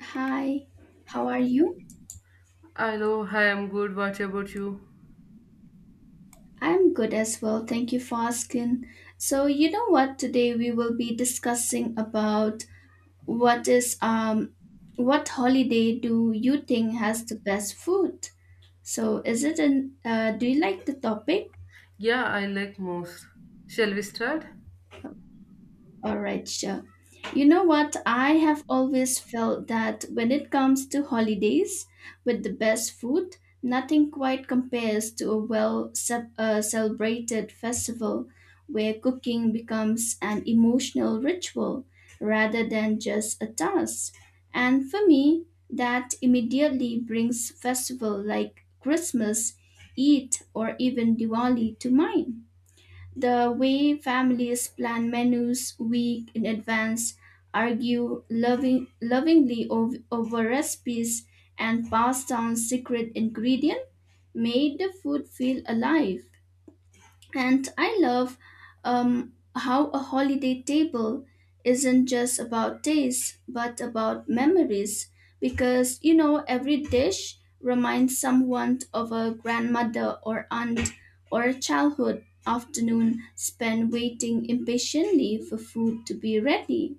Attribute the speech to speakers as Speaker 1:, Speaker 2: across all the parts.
Speaker 1: Hi, how are you?
Speaker 2: I know I am good. What about you?
Speaker 1: I'm good as well. Thank you for asking. So, you know what? Today we will be discussing about what is um what holiday do you think has the best food? So, is it an do you like the topic?
Speaker 2: Yeah, I like most. Shall we start?
Speaker 1: All right, sure. You know what? I have always felt that when it comes to holidays with the best food, nothing quite compares to a well celebrated festival where cooking becomes an emotional ritual rather than just a task. And for me, that immediately brings festival like Christmas, Eid, or even Diwali to mind the way families plan menus week in advance, argue lovingly over recipes, and pass down secret ingredient made the food feel alive. And I love how a holiday table isn't just about taste, but about memories. Because, you know, every dish reminds someone of a grandmother or aunt or a childhood afternoon spent waiting impatiently for food to be ready.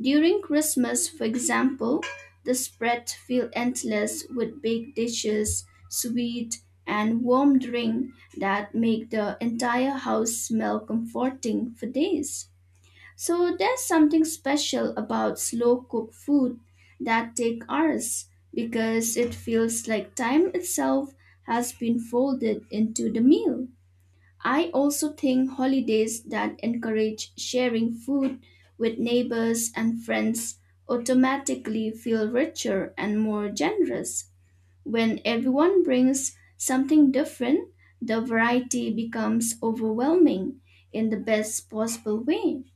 Speaker 1: During Christmas, for example, the spread feel endless with big dishes, sweet and warm drink that make the entire house smell comforting for days. So there's something special about slow cooked food that take hours because it feels like time itself has been folded into the meal. I also think holidays that encourage sharing food with neighbors and friends automatically feel richer and more generous. When everyone brings something different, the variety becomes overwhelming in the best possible way.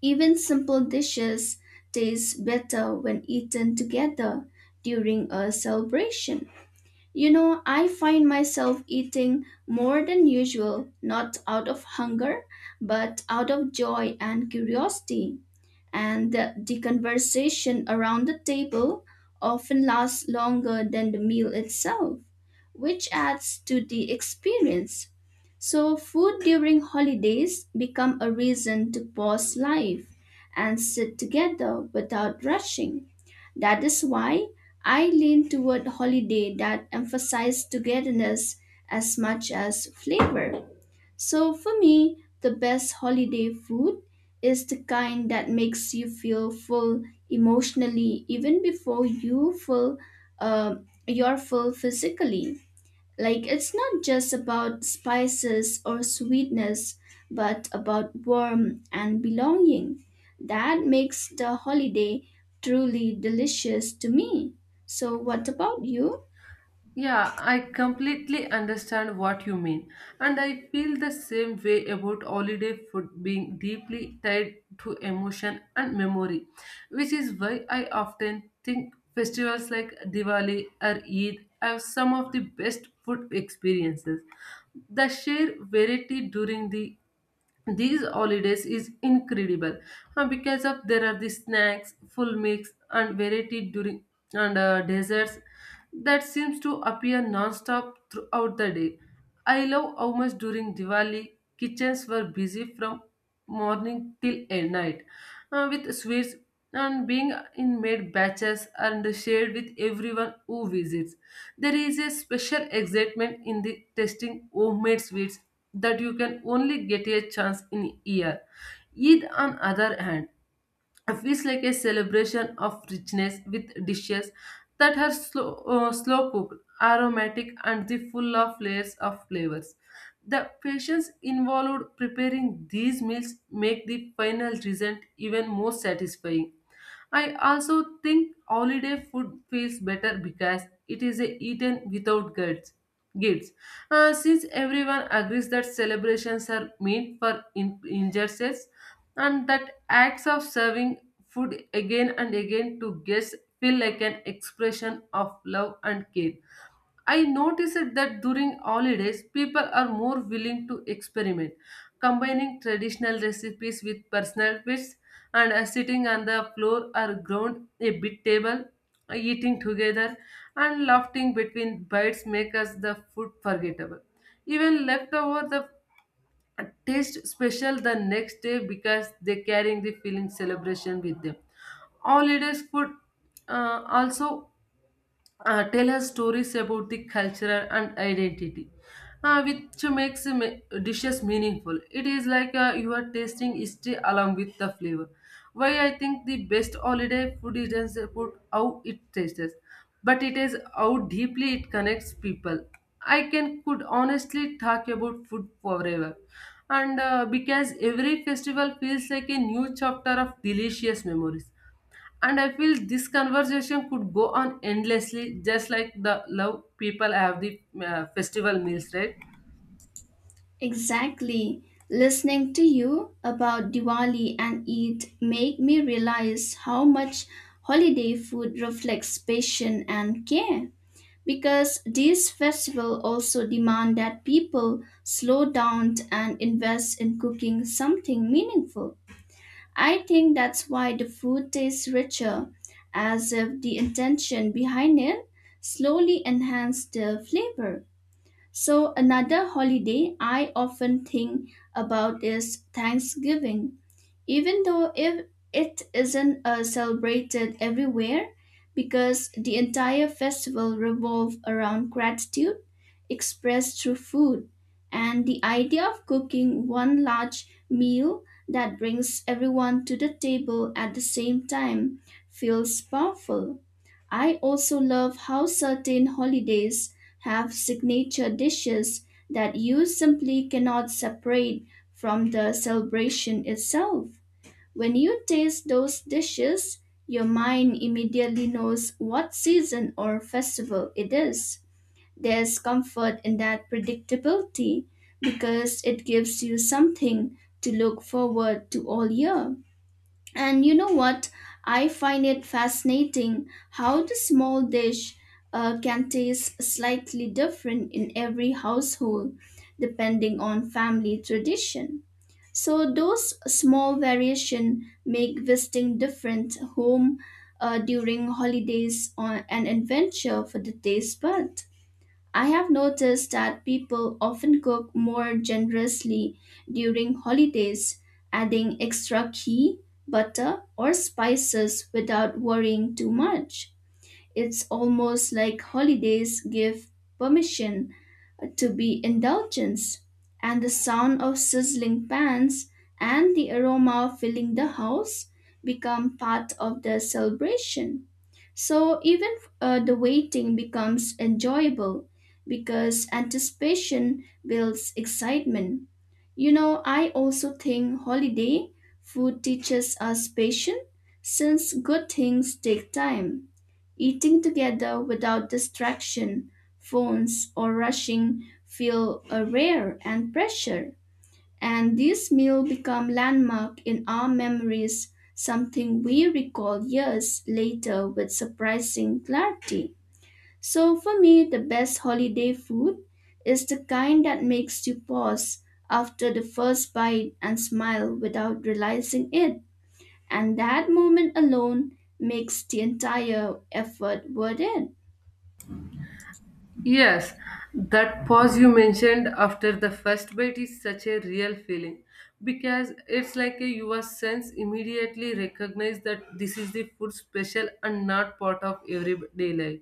Speaker 1: Even simple dishes taste better when eaten together during a celebration. You know, I find myself eating more than usual, not out of hunger, but out of joy and curiosity. And the conversation around the table often lasts longer than the meal itself, which adds to the experience. So food during holidays become a reason to pause life and sit together without rushing. That is why I lean toward holiday that emphasize togetherness as much as flavor. So for me, the best holiday food is the kind that makes you feel full emotionally even before you feel uh, you're full physically. Like it's not just about spices or sweetness, but about warmth and belonging. That makes the holiday truly delicious to me. So what about you?
Speaker 2: Yeah, I completely understand what you mean, and I feel the same way about holiday food being deeply tied to emotion and memory, which is why I often think festivals like Diwali or Eid have some of the best food experiences. The sheer variety during these holidays is incredible, because of there are the snacks full mix and variety during and desserts that seems to appear non-stop throughout the day. I love how much during Diwali kitchens were busy from morning till at night, with sweets and being in made batches and shared with everyone who visits. There is a special excitement in the tasting homemade sweets that you can only get a chance in year. Eid, on other hand, feels like a celebration of richness with dishes that are slow, slow cooked, aromatic, and the full of layers of flavors. The patience involved preparing these meals make the final result even more satisfying. I also think holiday food feels better because it is a eaten without guilt. Guilt. Since everyone agrees that celebrations are meant for injustice, and that acts of serving food again and again to guests feel like an expression of love and care. I noticed that during holidays, people are more willing to experiment, combining traditional recipes with personal fits and sitting on the floor or ground a bit table, eating together and laughing between bites make us the food forgettable. Even leftover the taste special the next day because they carrying the feeling celebration with them. Holidays food also tell us stories about the culture and identity, which dishes meaningful. It is like you are tasting history along with the flavor. Why I think the best holiday food isn't about how it tastes, but it is how deeply it connects people. I can could honestly talk about food forever, and because every festival feels like a new chapter of delicious memories. And I feel this conversation could go on endlessly, just like the love people have the festival meals, right?
Speaker 1: Exactly. Listening to you about Diwali and Eid make me realize how much holiday food reflects passion and care. Because these festivals also demand that people slow down and invest in cooking something meaningful. I think that's why the food tastes richer, as if the intention behind it slowly enhanced the flavor. So another holiday I often think about is Thanksgiving even though if it isn't celebrated everywhere because the entire festival revolves around gratitude expressed through food and the idea of cooking one large meal that brings everyone to the table at the same time feels powerful. I also love how certain holidays have signature dishes that you simply cannot separate from the celebration itself. When you taste those dishes, your mind immediately knows what season or festival it is. There's comfort in that predictability because it gives you something to look forward to all year. And you know what? I find it fascinating how the small dish can taste slightly different in every household depending on family tradition. So those small variation make visiting different home during holidays or an adventure for the taste bud. I have noticed that people often cook more generously during holidays, adding extra key, butter, or spices without worrying too much. It's almost like holidays give permission to be indulgence, and the sound of sizzling pans and the aroma filling the house become part of the celebration. So even the waiting becomes enjoyable because anticipation builds excitement. You know, I also think holiday food teaches us patience since good things take time. Eating together without distraction phones or rushing feel a rare and pressure. And this meal become landmark in our memories, something we recall years later with surprising clarity. So for me, the best holiday food is the kind that makes you pause after the first bite and smile without realizing it. And that moment alone makes the entire effort worth it.
Speaker 2: Yes, that pause you mentioned after the first bite is such a real feeling because it's like a your sense immediately recognize that this is the food special and not part of everyday life.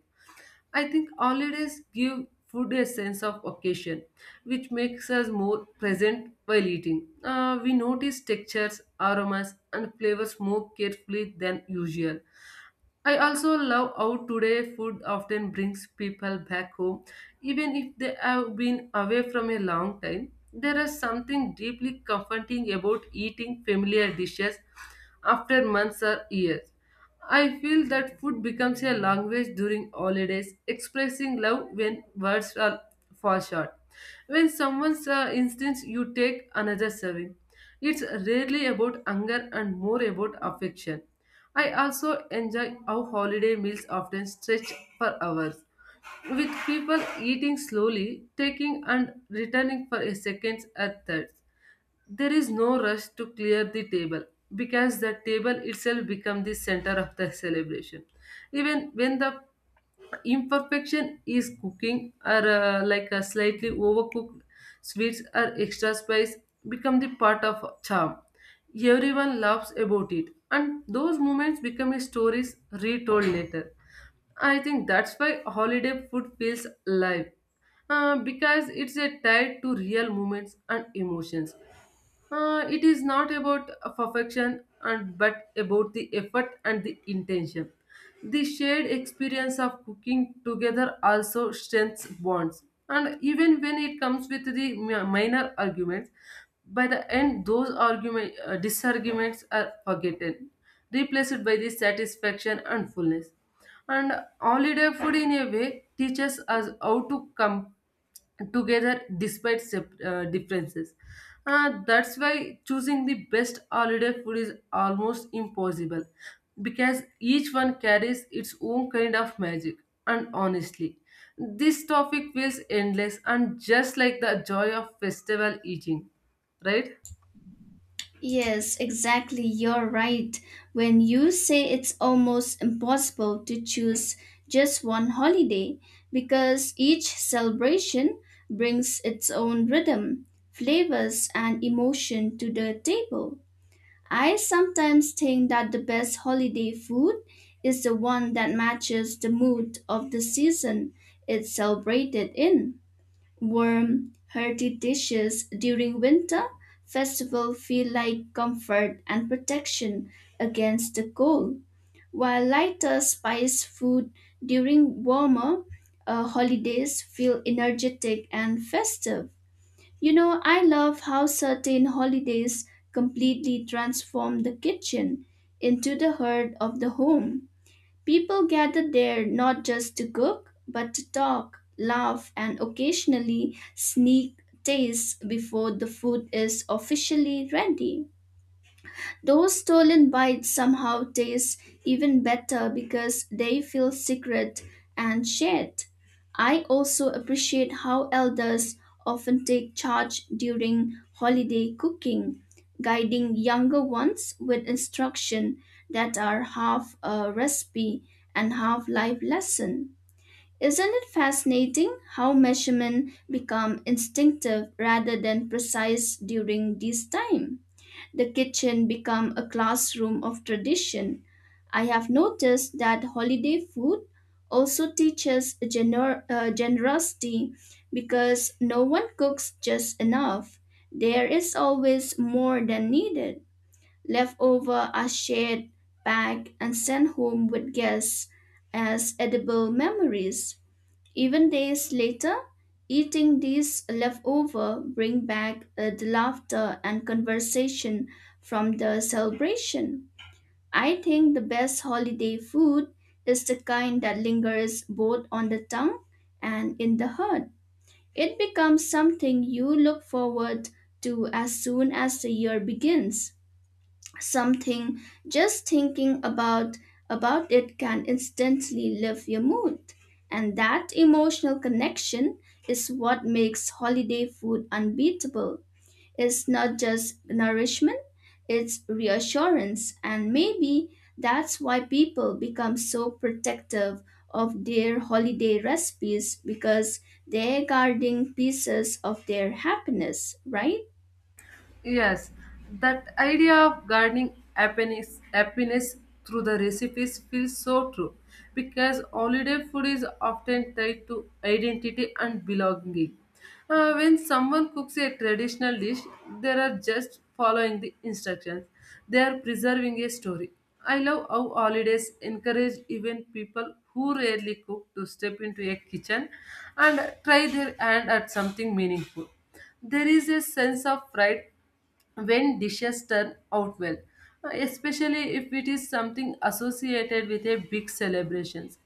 Speaker 2: I think holidays give food a sense of occasion, which makes us more present while eating. We notice textures, aromas, and flavors more carefully than usual. I also love how today food often brings people back home, even if they have been away from a long time. There is something deeply comforting about eating familiar dishes after months or years. I feel that food becomes a language during holidays, expressing love when words are fall short. When someone's instance you take another serving, it's rarely about anger and more about affection. I also enjoy how holiday meals often stretch for hours, with people eating slowly, taking and returning for a second or third. There is no rush to clear the table because the table itself becomes the center of the celebration even when the imperfection is cooking or like a slightly overcooked sweets or extra spice become the part of charm. Everyone laughs about it and those moments become a stories retold later. I think that's why holiday food feels live, because it's a tied to real moments and emotions. It is not about perfection and but about the effort and the intention. The shared experience of cooking together also strengthens bonds. And even when it comes with the minor arguments, by the end those argument disarguments are forgotten, replaced by the satisfaction and fullness. And holiday food in a way teaches us how to come together despite differences. That's why choosing the best holiday food is almost impossible because each one carries its own kind of magic. And honestly, this topic feels endless and just like the joy of festival eating, right?
Speaker 1: Yes, exactly. You're right. When you say it's almost impossible to choose just one holiday because each celebration brings its own rhythm, flavors, and emotion to the table. I sometimes think that the best holiday food is the one that matches the mood of the season it's celebrated in. Warm, hearty dishes during winter festival feel like comfort and protection against the cold, while lighter spiced food during warmer holidays feel energetic and festive. You know, I love how certain holidays completely transform the kitchen into the heart of the home. People gather there not just to cook, but to talk, laugh, and occasionally sneak tastes before the food is officially ready. Those stolen bites somehow taste even better because they feel secret and shared. I also appreciate how elders often take charge during holiday cooking, guiding younger ones with instruction that are half a recipe and half life lesson. Isn't it fascinating how measurement become instinctive rather than precise during this time? The kitchen become a classroom of tradition. I have noticed that holiday food also teaches generosity because no one cooks just enough. There is always more than needed. Leftover are shared, packed, and sent home with guests as edible memories. Even days later, eating these leftover bring back the laughter and conversation from the celebration. I think the best holiday food is the kind that lingers both on the tongue and in the heart. It becomes something you look forward to as soon as the year begins, something just thinking about it can instantly lift your mood, and that emotional connection is what makes holiday food unbeatable. It's not just nourishment, it's reassurance. And maybe that's why people become so protective of their holiday recipes because they're guarding pieces of their happiness, right?
Speaker 2: Yes, that idea of gardening happiness through the recipes feels so true because holiday food is often tied to identity and belonging. When someone cooks a traditional dish, they are just following the instructions, they are preserving a story. I love how holidays encourage even people who rarely cook to step into a kitchen and try their hand at something meaningful. There is a sense of pride when dishes turn out well, especially if it is something associated with a big celebrations.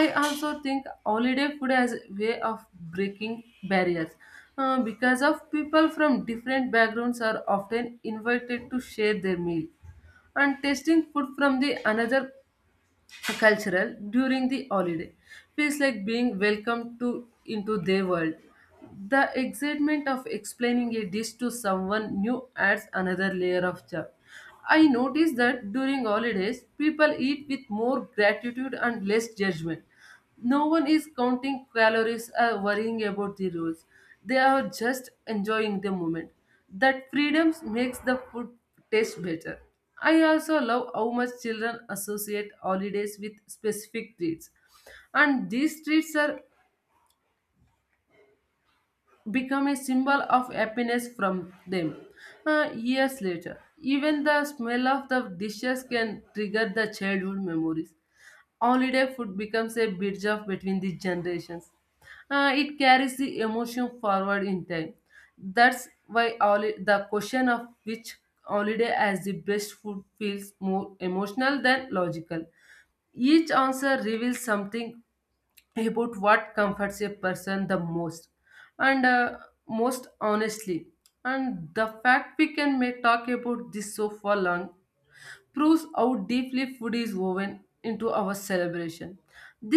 Speaker 2: I also think holiday food has a way of breaking barriers, because of people from different backgrounds are often invited to share their meal and tasting food from the another cultural during the holiday feels like being welcomed to into their world. The excitement of explaining a dish to someone new adds another layer of joy. I noticed that during holidays people eat with more gratitude and less judgment. No one is counting calories or worrying about the rules. They are just enjoying the moment. That freedom makes the food taste better. I also love how much children associate holidays with specific treats. And these treats are become a symbol of happiness from them. Years later, even the smell of the dishes can trigger the childhood memories. Holiday food becomes a bridge of between the generations. It carries the emotion forward in time. That's why the question of which holiday as the best food feels more emotional than logical. Each answer reveals something about what comforts a person the most, and most honestly. And the fact we can may talk about this so for long proves how deeply food is woven into our celebration.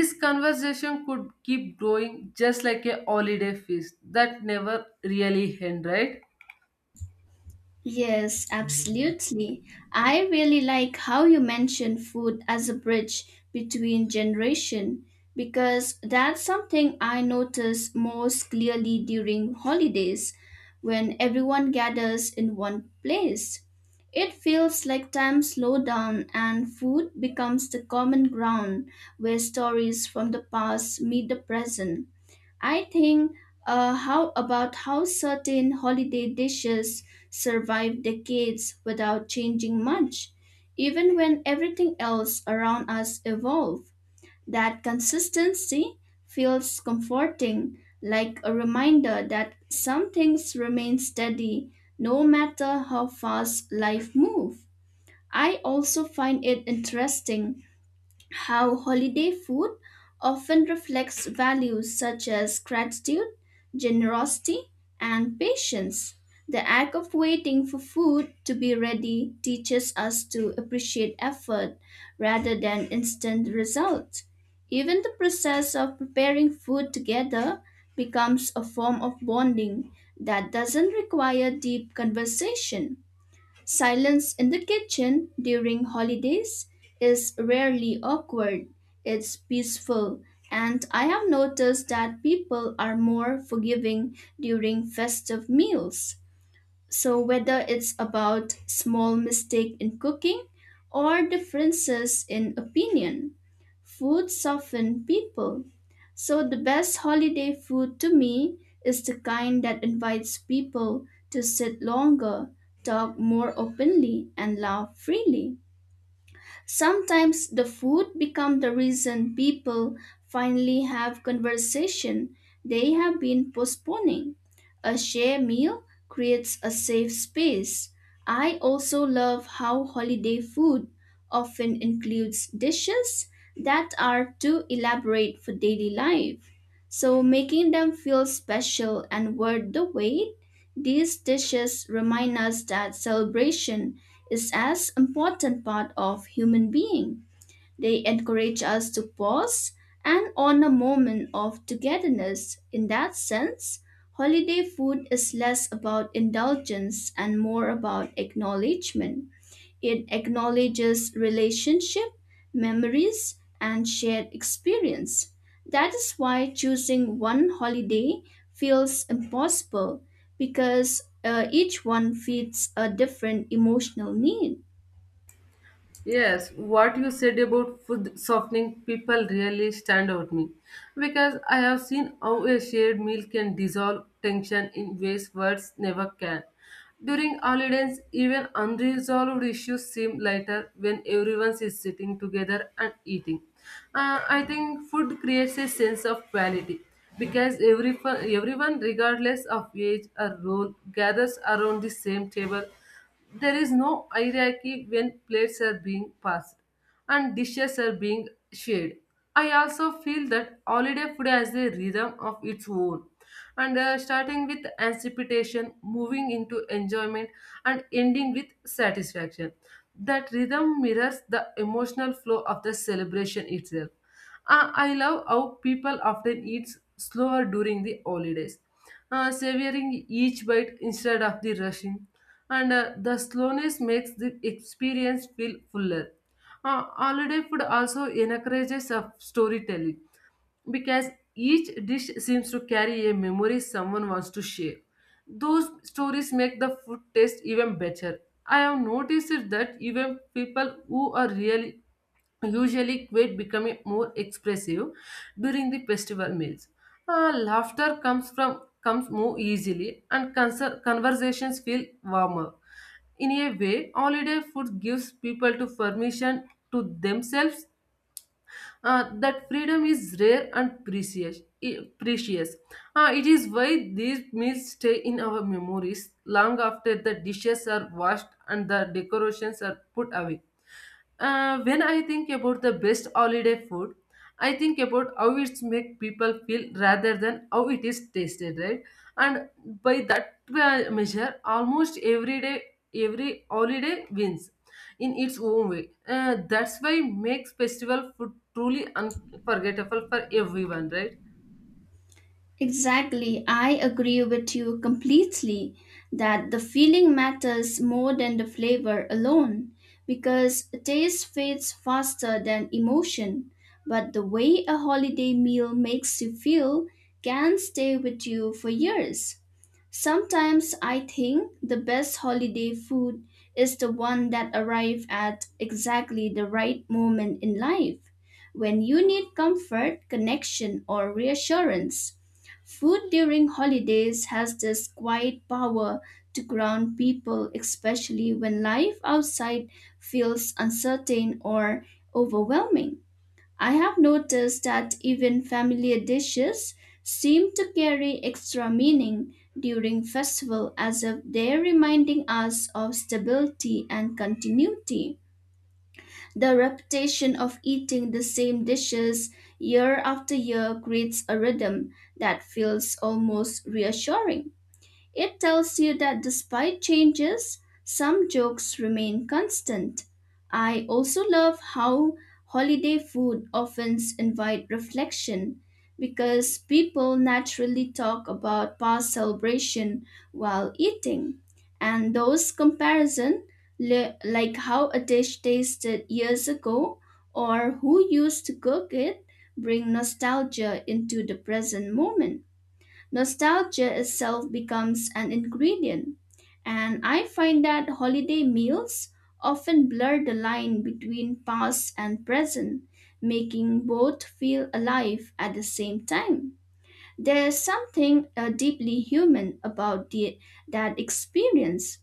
Speaker 2: This conversation could keep growing just like a holiday feast that never really ends, right?
Speaker 1: Yes, absolutely. I really like how you mentioned food as a bridge between generation because that's something I notice most clearly during holidays when everyone gathers in one place. It feels like time slows down and food becomes the common ground where stories from the past meet the present. I think how about how certain holiday dishes survive decades without changing much, even when everything else around us evolve. That consistency feels comforting, like a reminder that some things remain steady no matter how fast life moves. I also find it interesting how holiday food often reflects values such as gratitude, generosity, and patience. The act of waiting for food to be ready teaches us to appreciate effort rather than instant results. Even the process of preparing food together becomes a form of bonding that doesn't require deep conversation. Silence in the kitchen during holidays is rarely awkward. It's peaceful, and I have noticed that people are more forgiving during festive meals. So, whether it's about small mistake in cooking or differences in opinion, food softens people. So, the best holiday food to me is the kind that invites people to sit longer, talk more openly, and laugh freely. Sometimes the food becomes the reason people finally have conversation they have been postponing. A shared meal creates a safe space. I also love how holiday food often includes dishes that are too elaborate for daily life. So making them feel special and worth the wait, these dishes remind us that celebration is as important part of human being. They encourage us to pause and honor moment of togetherness. In that sense, holiday food is less about indulgence and more about acknowledgement. It acknowledges relationship, memories, and shared experience. That is why choosing one holiday feels impossible because each one fits a different emotional need.
Speaker 2: Yes, what you said about food softening people really stand out me because I have seen how a shared meal can dissolve tension in ways words never can. During holidays, even unresolved issues seem lighter when everyone is sitting together and eating. I think food creates a sense of quality because everyone, regardless of age or role, gathers around the same table. There is no hierarchy when plates are being passed and dishes are being shared. I also feel that holiday food has a rhythm of its own. And starting with anticipation, moving into enjoyment, and ending with satisfaction. That rhythm mirrors the emotional flow of the celebration itself. I love how people often eat slower during the holidays, savoring each bite instead of the rushing. And the slowness makes the experience feel fuller. Holiday food also encourages of storytelling because each dish seems to carry a memory someone wants to share. Those stories make the food taste even better. I have noticed it that even people who are really usually quit becoming more expressive during the festival meals. Laughter comes from comes more easily and conversations feel warmer. In a way, holiday food gives people to permission to themselves, that freedom is rare and precious. Precious. It is why these meals stay in our memories long after the dishes are washed and the decorations are put away. When I think about the best holiday food, I think about how it's make people feel rather than how it is tasted, right? And by that measure, almost every day, every holiday wins in its own way. That's why makes festival food truly unforgettable for everyone, right?
Speaker 1: Exactly. I agree with you completely that the feeling matters more than the flavor alone because taste fades faster than emotion. But the way a holiday meal makes you feel can stay with you for years. Sometimes I think the best holiday food is the one that arrives at exactly the right moment in life, when you need comfort, connection, or reassurance. Food during holidays has this quiet power to ground people, especially when life outside feels uncertain or overwhelming. I have noticed that even familiar dishes seem to carry extra meaning during festival as if they're reminding us of stability and continuity. The repetition of eating the same dishes year after year creates a rhythm that feels almost reassuring. It tells you that despite changes, some jokes remain constant. I also love how holiday food often invite reflection because people naturally talk about past celebration while eating. And those comparison like how a dish tasted years ago or who used to cook it bring nostalgia into the present moment. Nostalgia itself becomes an ingredient, and I find that holiday meals often blur the line between past and present, making both feel alive at the same time. There's something deeply human about that experience,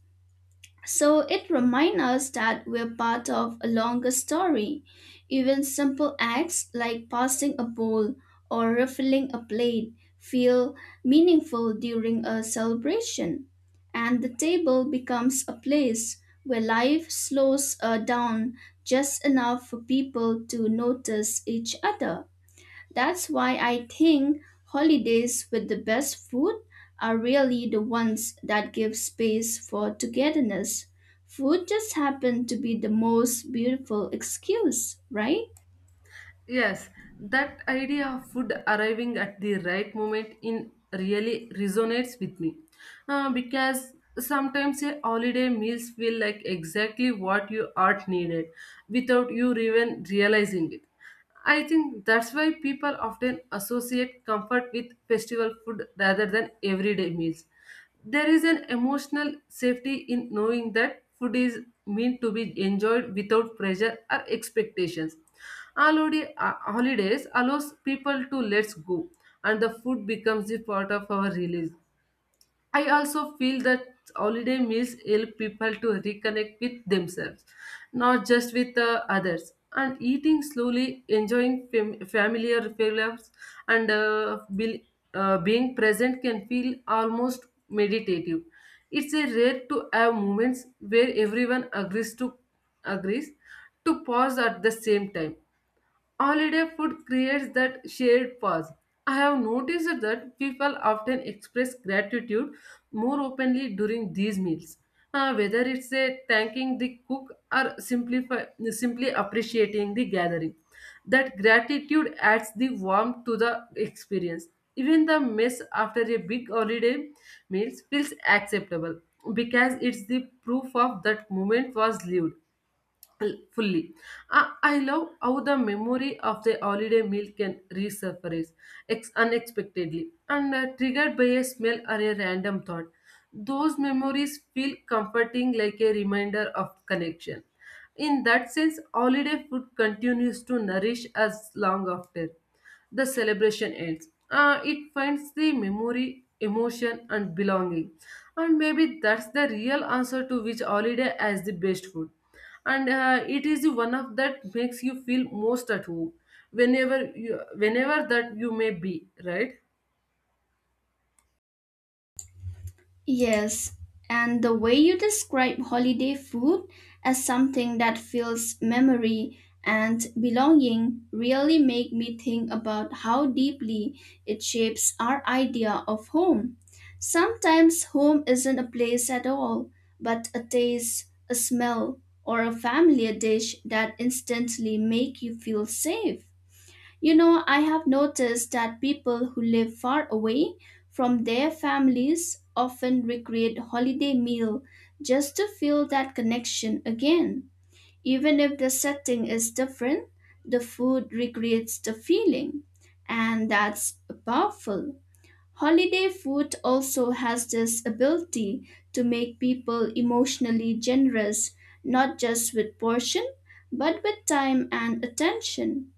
Speaker 1: so it reminds us that we're part of a longer story. Even simple acts like passing a bowl or refilling a plate feel meaningful during a celebration. And the table becomes a place where life slows down just enough for people to notice each other. That's why I think holidays with the best food are really the ones that give space for togetherness. Food just happened to be the most beautiful excuse, right?
Speaker 2: Yes, that idea of food arriving at the right moment in really resonates with me. Because sometimes a holiday meals feel like exactly what you are needed without you even realizing it. I think that's why people often associate comfort with festival food rather than everyday meals. There is an emotional safety in knowing that food is meant to be enjoyed without pressure or expectations. Holidays allows people to let's go, and the food becomes the part of our release. I also feel that holiday meals help people to reconnect with themselves, not just with others. And eating slowly, enjoying familiar flavors, and being present can feel almost meditative. It's a rare to have moments where everyone agrees to pause at the same time. Holiday food creates that shared pause. I have noticed that people often express gratitude more openly during these meals. Whether it's a thanking the cook or simply appreciating the gathering. That gratitude adds the warmth to the experience. Even the mess after a big holiday meal feels acceptable because it's the proof of that moment was lived fully. I love how the memory of the holiday meal can resurface unexpectedly and triggered by a smell or a random thought. Those memories feel comforting like a reminder of connection. In that sense, holiday food continues to nourish us long after the celebration ends. It finds the memory, emotion, and belonging. And maybe that's the real answer to which holiday has the best food, and it is one of that makes you feel most at home whenever you whenever that you may be, right?
Speaker 1: Yes, and the way you describe holiday food as something that fills memory and belonging really make me think about how deeply it shapes our idea of home. Sometimes home isn't a place at all, but a taste, a smell, or a familiar dish that instantly make you feel safe. You know, I have noticed that people who live far away from their families often recreate holiday meal just to feel that connection again. Even if the setting is different, the food recreates the feeling, and that's powerful. Holiday food also has this ability to make people emotionally generous, not just with portion, but with time and attention.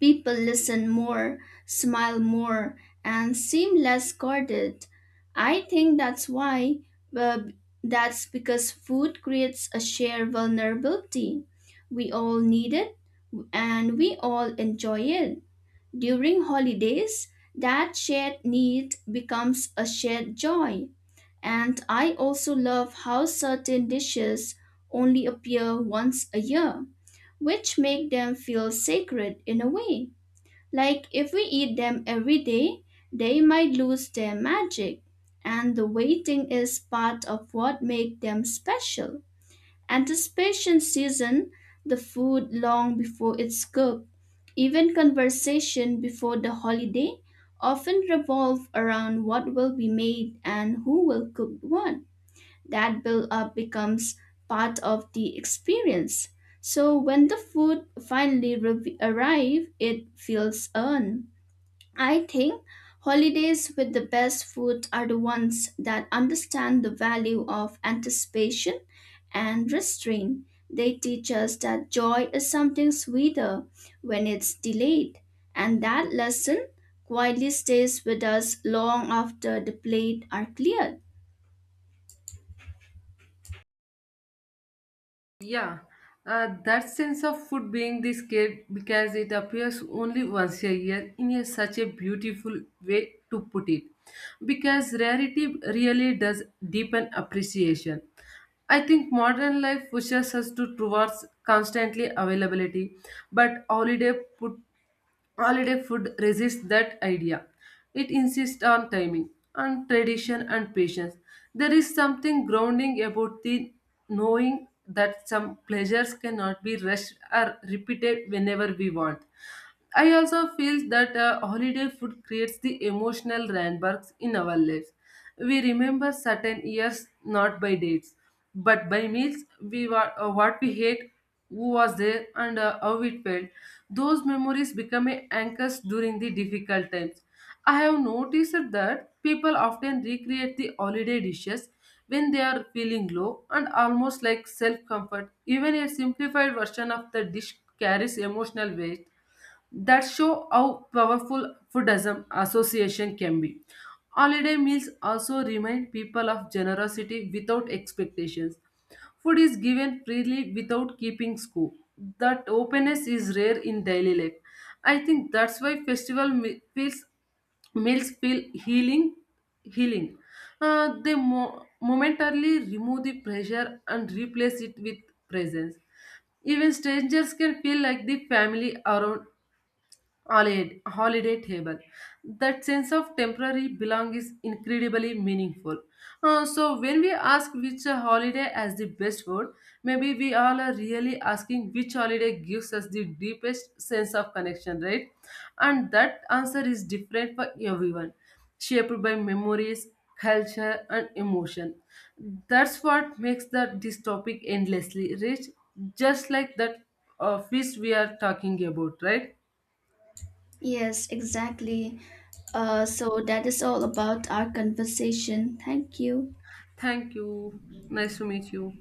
Speaker 1: People listen more, smile more, and seem less guarded. I think uh, that's because food creates a shared vulnerability. We all need it and we all enjoy it. During holidays, that shared need becomes a shared joy. And I also love how certain dishes only appear once a year, which make them feel sacred in a way. Like if we eat them every day, they might lose their magic. And the waiting is part of what makes them special. Anticipation season, the food long before it's cooked, even conversation before the holiday often revolve around what will be made and who will cook what. That build up becomes part of the experience. So when the food finally arrive, it feels earned. I think holidays with the best food are the ones that understand the value of anticipation and restraint. They teach us that joy is something sweeter when it's delayed, and that lesson quietly stays with us long after the plate are cleared.
Speaker 2: Yeah, that sense of food being this scared because it appears only once a year in a, such a beautiful way to put it because rarity really does deepen appreciation. I think modern life pushes us to towards constantly availability but put holiday food resists that idea. It insists on timing, on tradition, and patience. There is something grounding about the knowing that some pleasures cannot be rushed or repeated whenever we want. I also feel that holiday food creates the emotional landmarks in our lives. We remember certain years not by dates, but by meals. What we hate, who was there, and how it felt. Those memories become a anchors during the difficult times. I have noticed that people often recreate the holiday dishes when they are feeling low and almost like self comfort. Even a simplified version of the dish carries emotional weight that show how powerful foodism association can be. Holiday meals also remind people of generosity without expectations. Food is given freely without keeping score. That openness is rare in daily life. I think that's why feels meals feel healing. They momentarily remove the pressure and replace it with presence. Even strangers can feel like the family around holiday table. That sense of temporary belong is incredibly meaningful. So when we ask which holiday as the best word, maybe we all are really asking which holiday gives us the deepest sense of connection, right? And that answer is different for everyone, shaped by memories, culture, and emotion. That's what makes that this topic endlessly rich, just like that feast we are talking about, right?
Speaker 1: Yes, exactly. So that is all about our conversation. Thank you.
Speaker 2: Thank you. Nice to meet you.